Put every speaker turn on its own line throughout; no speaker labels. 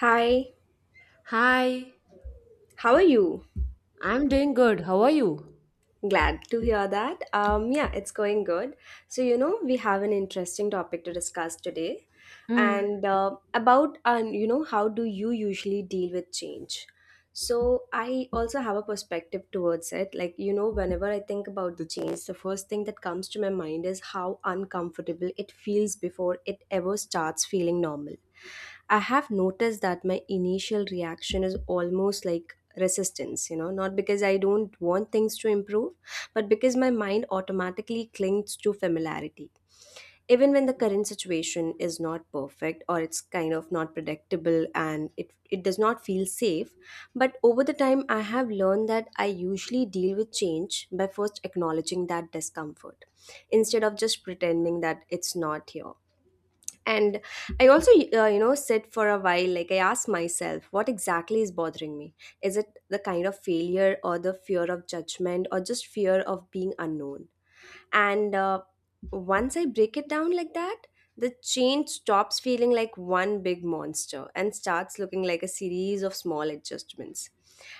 Hi,
Hi,
how are you?
I'm doing good. How are you?
Glad to hear that. Yeah, it's going good. So, we have an interesting topic to discuss today, and about, how do you usually deal with change? So, I also have a perspective towards it. Like, whenever I think about the change, the first thing that comes to my mind is how uncomfortable it feels before it ever starts feeling normal. I have noticed that my initial reaction is almost like resistance, not because I don't want things to improve, but because my mind automatically clings to familiarity. Even when the current situation is not perfect or it's kind of not predictable and it does not feel safe, but over the time I have learned that I usually deal with change by first acknowledging that discomfort instead of just pretending that it's not here. And I also sit for a while. Like, I ask myself what exactly is bothering me. Is it the kind of failure, or the fear of judgment, or just fear of being unknown? And once I break it down like that, the change stops feeling like one big monster and starts looking like a series of small adjustments.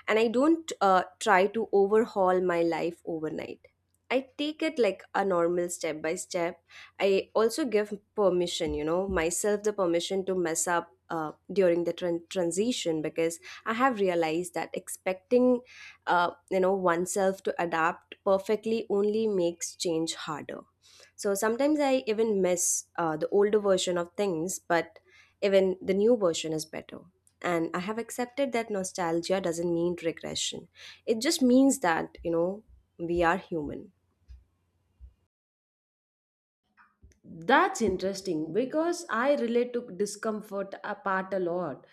And I don't try to overhaul my life overnight. I take it like a normal step by step. I also give permission, myself the permission to mess up during the transition, because I have realized that expecting oneself to adapt perfectly only makes change harder. So sometimes I even miss the older version of things, but even the new version is better. And I have accepted that nostalgia doesn't mean regression. It just means that we are human.
That's interesting because I relate to discomfort a part a lot,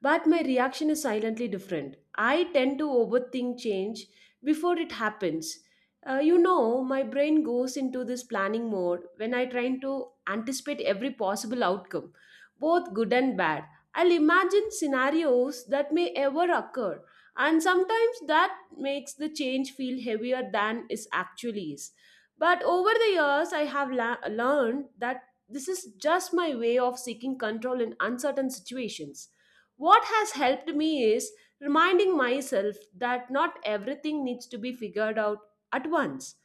but my reaction is silently different. I tend to overthink change before it happens. My brain goes into this planning mode when I try to anticipate every possible outcome, both good and bad. I'll imagine scenarios that may ever occur, and sometimes that makes the change feel heavier than it actually is. But over the years, I have learned that this is just my way of seeking control in uncertain situations. What has helped me is reminding myself that not everything needs to be figured out at once.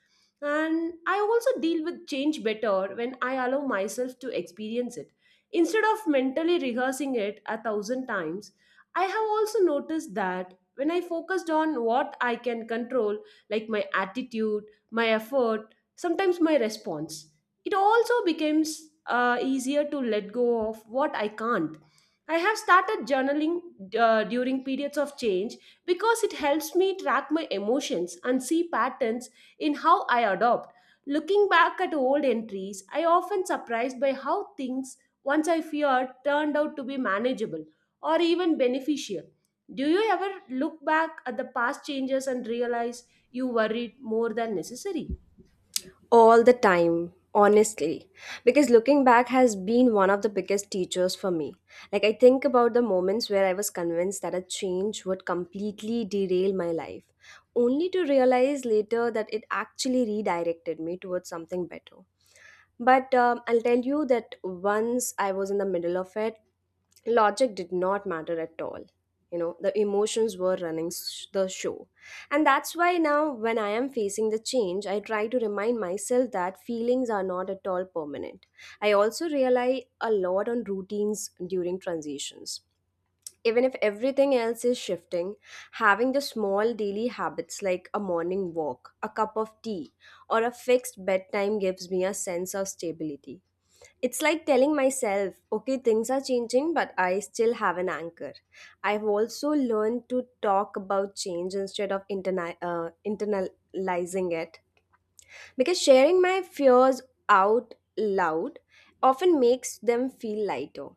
And I also deal with change better when I allow myself to experience it. Instead of mentally rehearsing it a thousand times, I have also noticed that when I focused on what I can control, like my attitude, my effort, sometimes my response, it also becomes easier to let go of what I can't. I have started journaling during periods of change because it helps me track my emotions and see patterns in how I adopt. Looking back at old entries, I often surprised by how things once I feared turned out to be manageable or even beneficial. Do you ever look back at the past changes and realize you worried more than necessary?
All the time, honestly. Because looking back has been one of the biggest teachers for me. Like, I think about the moments where I was convinced that a change would completely derail my life, only to realize later that it actually redirected me towards something better. But I'll tell you that once I was in the middle of it, logic did not matter at all. The emotions were running the show. And that's why now when I am facing the change, I try to remind myself that feelings are not at all permanent. I also rely a lot on routines during transitions. Even if everything else is shifting, having the small daily habits like a morning walk, a cup of tea, or a fixed bedtime gives me a sense of stability. It's like telling myself, okay, things are changing, but I still have an anchor. I've also learned to talk about change instead of internalizing it, because sharing my fears out loud often makes them feel lighter.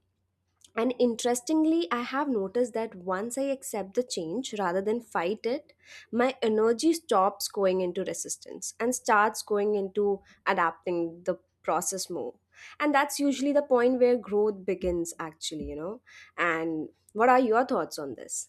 And interestingly, I have noticed that once I accept the change rather than fight it, my energy stops going into resistance and starts going into adapting the process more. And that's usually the point where growth begins, actually. And what are your thoughts on this?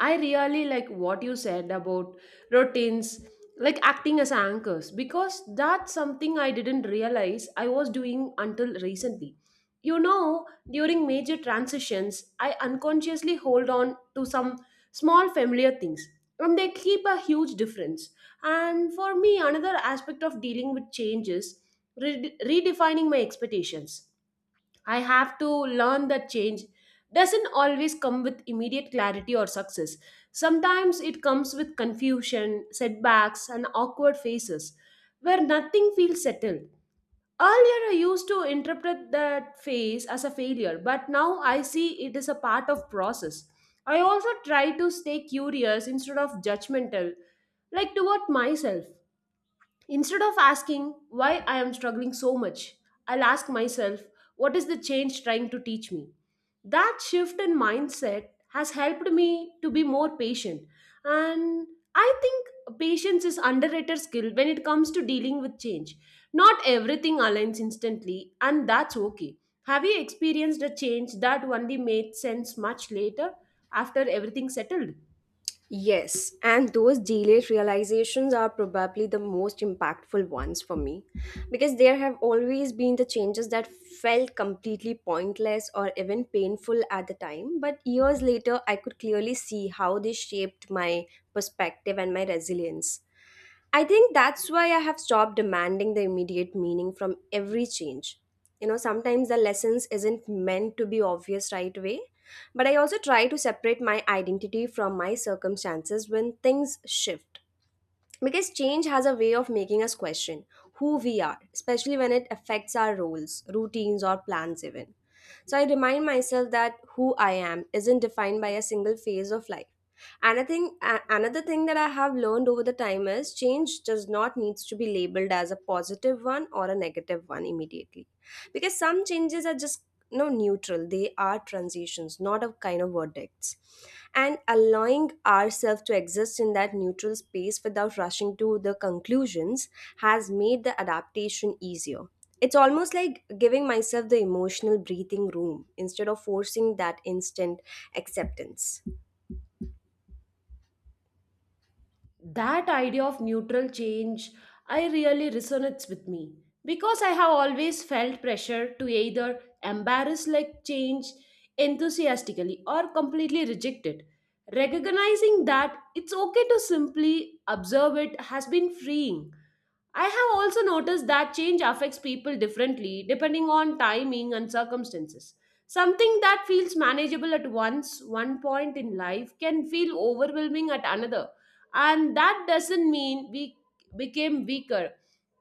I really like what you said about routines, like acting as anchors, because that's something I didn't realize I was doing until recently. You know, during major transitions, I unconsciously hold on to some small familiar things, and they keep a huge difference. And for me, another aspect of dealing with change is redefining my expectations. I have to learn that change doesn't always come with immediate clarity or success. Sometimes it comes with confusion, setbacks, and awkward phases where nothing feels settled. Earlier, I used to interpret that phase as a failure, but now I see it as a part of process. I also try to stay curious instead of judgmental, like toward myself. Instead of asking why I am struggling so much, I'll ask myself, what is the change trying to teach me? That shift in mindset has helped me to be more patient. And I think patience is underrated skill when it comes to dealing with change. Not everything aligns instantly, and that's okay. Have you experienced a change that only made sense much later after everything settled?
Yes, and those delayed realizations are probably the most impactful ones for me, because there have always been the changes that felt completely pointless or even painful at the time, but years later I could clearly see how they shaped my perspective and my resilience. I think that's why I have stopped demanding the immediate meaning from every change. You know, sometimes the lessons isn't meant to be obvious right away, but I also try to separate my identity from my circumstances when things shift. Because change has a way of making us question who we are, especially when it affects our roles, routines, or plans, even. So I remind myself that who I am isn't defined by a single phase of life. Another thing, another thing that I have learned over the time is change does not needs to be labeled as a positive one or a negative one immediately, because some changes are just no neutral. They are transitions, not a kind of verdicts, and allowing ourselves to exist in that neutral space without rushing to the conclusions has made the adaptation easier. It's almost like giving myself the emotional breathing room instead of forcing that instant acceptance.
That idea of neutral change, I really resonates with me because I have always felt pressure to either embrace like change enthusiastically or completely reject it. Recognizing that it's okay to simply observe it has been freeing. I have also noticed that change affects people differently depending on timing and circumstances. Something that feels manageable at once, one point in life, can feel overwhelming at another. And that doesn't mean we became weaker.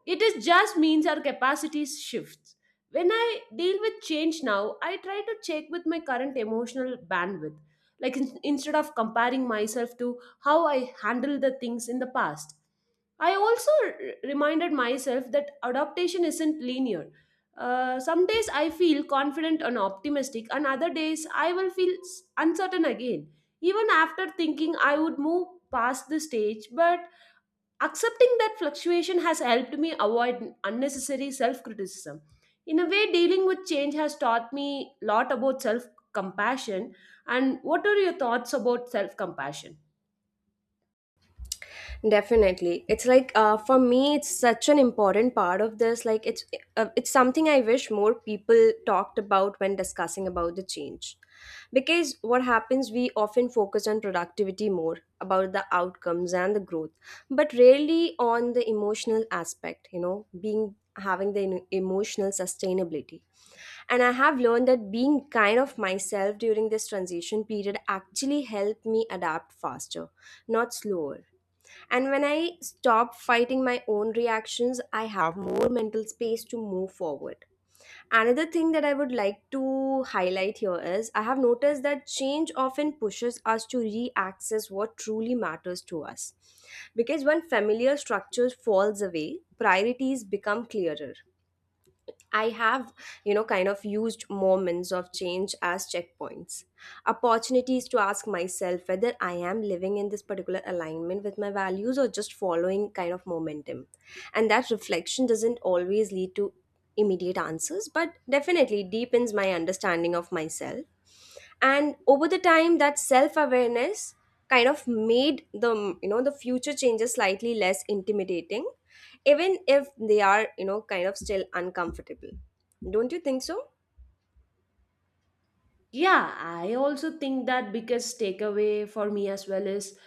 It is just means our capacities shift. When I deal with change now, I try to check with my current emotional bandwidth. Like, instead of comparing myself to how I handled the things in the past. I also reminded myself that adaptation isn't linear. Some days I feel confident and optimistic, and other days I will feel uncertain again. Even after thinking I would move past the stage, but accepting that fluctuation has helped me avoid unnecessary self criticism. In a way, dealing with change has taught me a lot about self compassion. And what are your thoughts about self compassion?
Definitely. It's like for me, it's such an important part of this. Like it's something I wish more people talked about when discussing about the change. Because what happens, we often focus on productivity more about the outcomes and the growth, but rarely on the emotional aspect. You know, being having the emotional sustainability. And I have learned that being kind of myself during this transition period actually helped me adapt faster, not slower, and when I stop fighting my own reactions, I have more mental space to move forward. Another thing that I would like to highlight here is I have noticed that change often pushes us to re-access what truly matters to us. Because when familiar structures falls away, priorities become clearer. I have, kind of used moments of change as checkpoints, opportunities to ask myself whether I am living in this particular alignment with my values or just following kind of momentum. And that reflection doesn't always lead to immediate answers, but definitely deepens my understanding of myself. And over the time, that self-awareness kind of made the you know the future changes slightly less intimidating, even if they are kind of still uncomfortable. Don't you think so?
Yeah, I also think that biggest takeaway for me as well is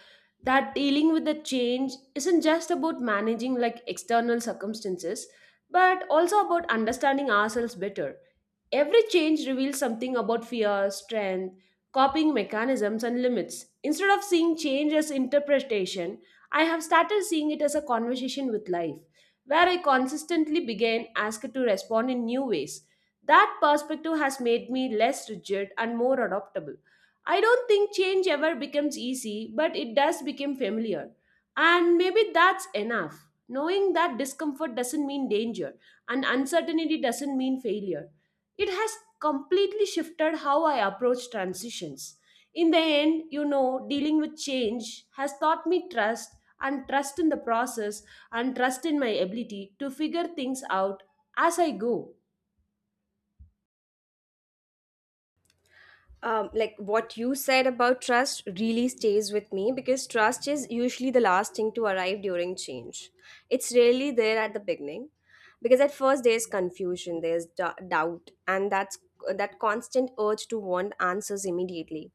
that dealing with the change isn't just about managing like external circumstances, but also about understanding ourselves better. Every change reveals something about fear, strength, coping mechanisms, and limits. Instead of seeing change as interpretation, I have started seeing it as a conversation with life, where I consistently begin asked to respond in new ways. That perspective has made me less rigid and more adaptable. I don't think change ever becomes easy, but it does become familiar. And maybe that's enough. Knowing that discomfort doesn't mean danger and uncertainty doesn't mean failure, it has completely shifted how I approach transitions. In the end, you know, dealing with change has taught me trust, and trust in the process, and trust in my ability to figure things out as I go.
Um, like what you said about trust really stays with me, because trust is usually the last thing to arrive during change. It's rarely there at the beginning, because at first there's confusion, there's doubt, and that's that constant urge to want answers immediately.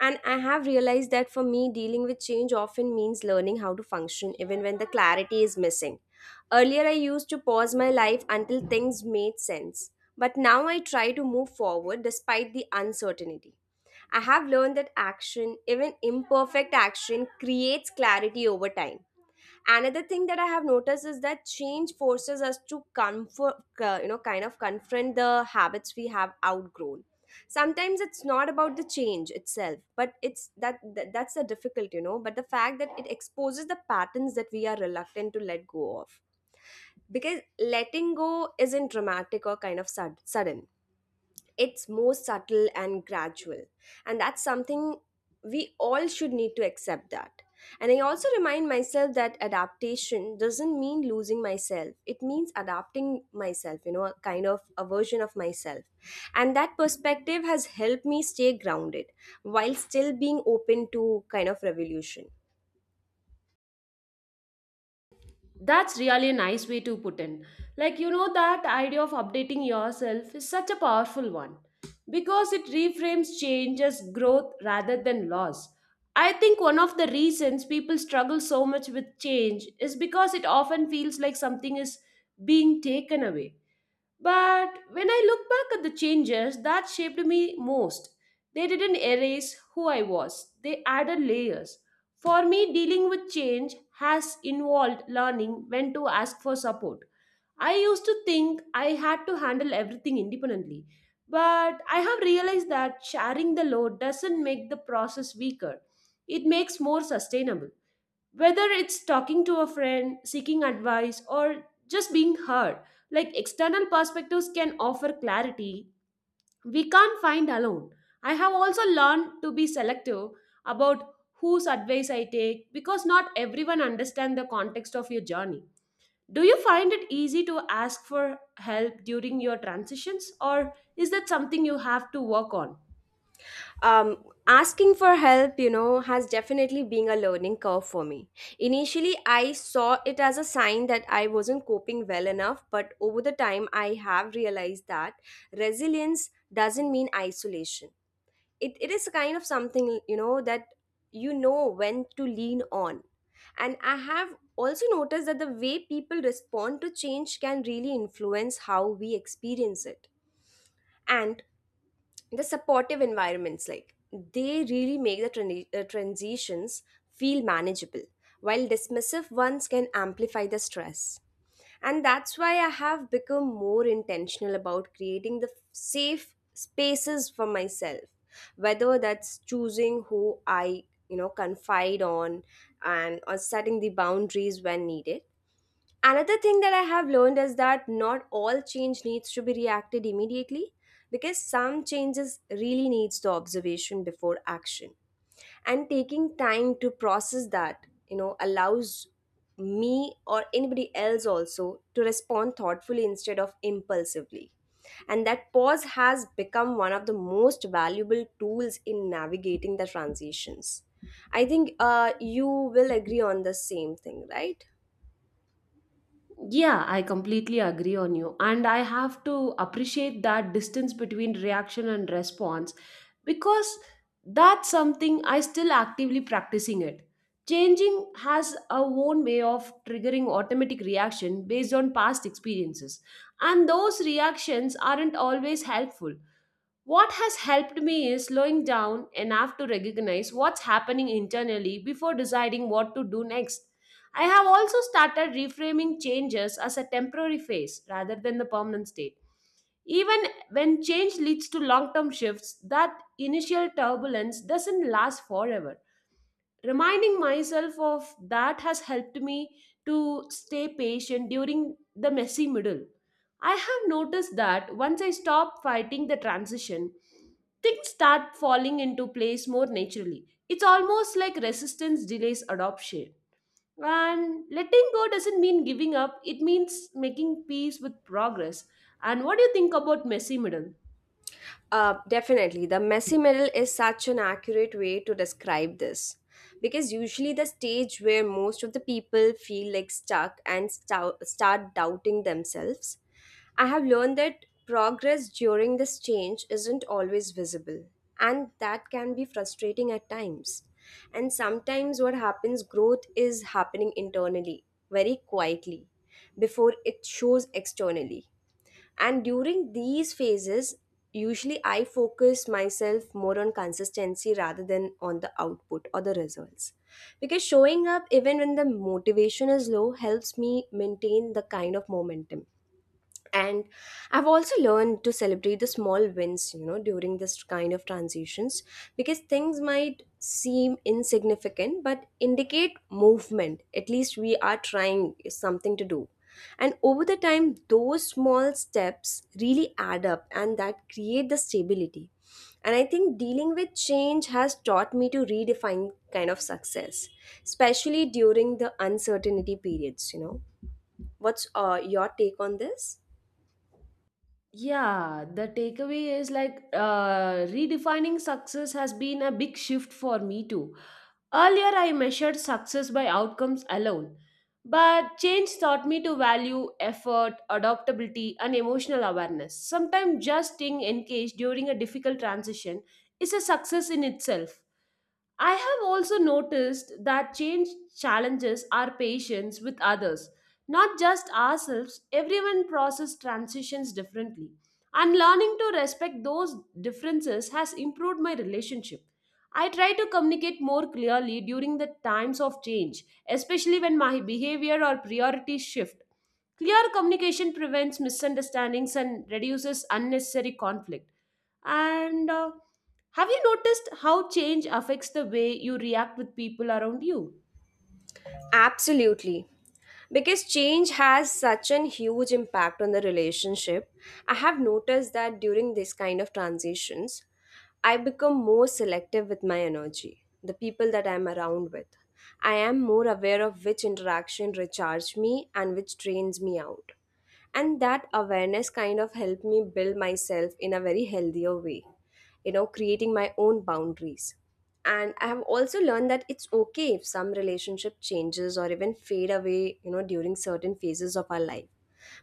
And I have realized that for me, dealing with change often means learning how to function even when the clarity is missing. Earlier, I used to pause my life until things made sense, but now I try to move forward despite the uncertainty. I have learned that action, even imperfect action, creates clarity over time. Another thing that I have noticed is that change forces us to comfort, kind of confront the habits we have outgrown. Sometimes it's not about the change itself, but it's that's the difficult. But the fact that it exposes the patterns that we are reluctant to let go of, because letting go isn't dramatic or kind of sudden. It's more subtle and gradual, and that's something we all should need to accept that. And I also remind myself that adaptation doesn't mean losing myself, it means adapting myself, a kind of a version of myself. And that perspective has helped me stay grounded while still being open to kind of revolution.
That's really a nice way to put in. Like, you know, that idea of updating yourself is such a powerful one because it reframes change as growth rather than loss. I think one of the reasons people struggle so much with change is because it often feels like something is being taken away, but when I look back at the changes that shaped me most, they didn't erase who I was, they added layers. For me, dealing with change has involved learning when to ask for support. I used to think I had to handle everything independently, but I have realized that sharing the load doesn't make the process weaker, it makes more sustainable, whether it's talking to a friend, seeking advice, or just being heard. Like external perspectives can offer clarity we can't find alone. I have also learned to be selective about whose advice I take because not everyone understands the context of your journey. Do you find it easy to ask for help during your transitions, or is that something you have to work on?
Um, asking for help, has definitely been a learning curve for me. Initially I saw it as a sign that I wasn't coping well enough, but over the time I have realized that resilience doesn't mean isolation. It is kind of something, that you know when to lean on. And I have also noticed that the way people respond to change can really influence how we experience it. And the supportive environments, like, they really make the transitions feel manageable, while dismissive ones can amplify the stress. And that's why I have become more intentional about creating the safe spaces for myself, whether that's choosing who I confide on, and or setting the boundaries when needed. Another thing that I have learned is that not all change needs to be reacted immediately, because some changes really needs the observation before action. And taking time to process that, allows me or anybody else also to respond thoughtfully instead of impulsively. And that pause has become one of the most valuable tools in navigating the transitions. I think you will agree on the same thing, right?
Yeah, I completely agree on you. And I have to appreciate that distance between reaction and response because that's something I still actively practicing it. Changing has a own way of triggering automatic reaction based on past experiences. And those reactions aren't always helpful. What has helped me is slowing down enough to recognize what's happening internally before deciding what to do next. I have also started reframing changes as a temporary phase rather than the permanent state. Even when change leads to long term shifts, that initial turbulence doesn't last forever. Reminding myself of that has helped me to stay patient during the messy middle. I have noticed that once I stop fighting the transition, things start falling into place more naturally. It's almost like resistance delays adoption. And letting go doesn't mean giving up, it means making peace with progress. And what do you think about messy middle?
Definitely. The messy middle is such an accurate way to describe this. Because usually the stage where most of the people feel like stuck and start doubting themselves. I have learned that progress during this change isn't always visible, and that can be frustrating at times. And sometimes, what happens, growth is happening internally, very quietly, before it shows externally. And during these phases, usually I focus myself more on consistency rather than on the output or the results, because showing up even when the motivation is low helps me maintain the kind of momentum. And I've also learned to celebrate the small wins, during this kind of transitions, because things might seem insignificant but indicate movement. At least we are trying something to do. And over the time, those small steps really add up, and that create the stability. And I think dealing with change has taught me to redefine kind of success, especially during the uncertainty periods. What's your take on this?
Yeah, the takeaway is like redefining success has been a big shift for me too. Earlier, I measured success by outcomes alone, but change taught me to value effort, adaptability, and emotional awareness. Sometimes just staying engaged during a difficult transition is a success in itself. I have also noticed that change challenges our patience with others, not just ourselves. Everyone process transitions differently, and learning to respect those differences has improved my relationship. I try to communicate more clearly during the times of change, especially when my behavior or priorities shift. Clear communication prevents misunderstandings and reduces unnecessary conflict. And have you noticed how change affects the way you react with people around you?
Absolutely. Because change has such an huge impact on the relationship, I have noticed that during this kind of transitions, I become more selective with my energy, the people that I'm around with. I am more aware of which interaction recharge me and which drains me out, and that awareness kind of helped me build myself in a very healthier way, creating my own boundaries. And I have also learned that it's okay if some relationship changes or even fade away during certain phases of our life,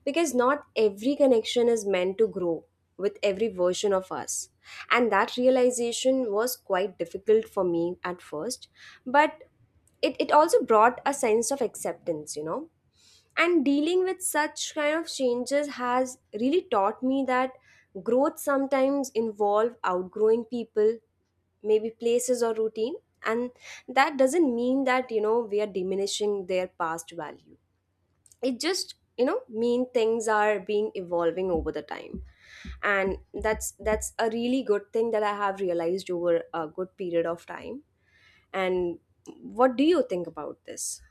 because not every connection is meant to grow with every version of us. And that realization was quite difficult for me at first, but it also brought a sense of acceptance. And dealing with such kind of changes has really taught me that growth sometimes involve outgrowing people, maybe places or routine. And that doesn't mean that we are diminishing their past value. It just mean things are being evolving over the time. And that's a really good thing that I have realized over a good period of time. And what do you think about this?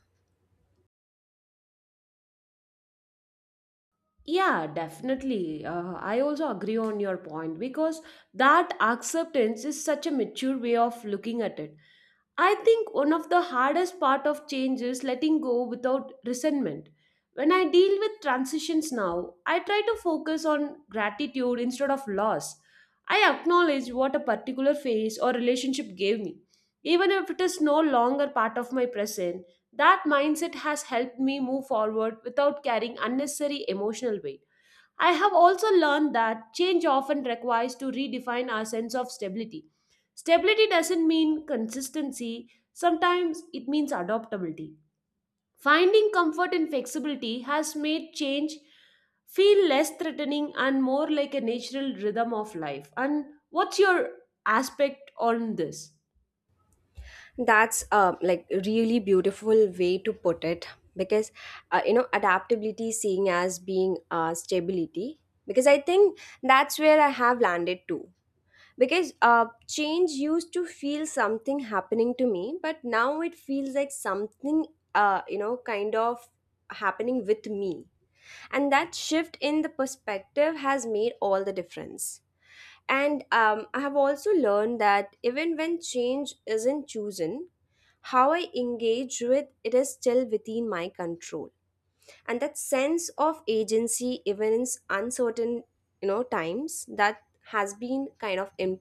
Yeah, definitely. I also agree on your point because that acceptance is such a mature way of looking at it. I think one of the hardest part of change is letting go without resentment. When I deal with transitions now, I try to focus on gratitude instead of loss. I acknowledge what a particular phase or relationship gave me, even if it is no longer part of my present. That mindset has helped me move forward without carrying unnecessary emotional weight. I have also learned that change often requires to redefine our sense of stability. Stability doesn't mean consistency, sometimes it means adaptability. Finding comfort in flexibility has made change feel less threatening and more like a natural rhythm of life. And what's your aspect on this?
That's like really beautiful way to put it, because adaptability seeing as being stability, because I think that's where I have landed too. Because change used to feel something happening to me, but now it feels like something kind of happening with me. And that shift in the perspective has made all the difference. And I have also learned that even when change isn't chosen, how I engage with it is still within my control. And that sense of agency, even in uncertain, times, that has been kind of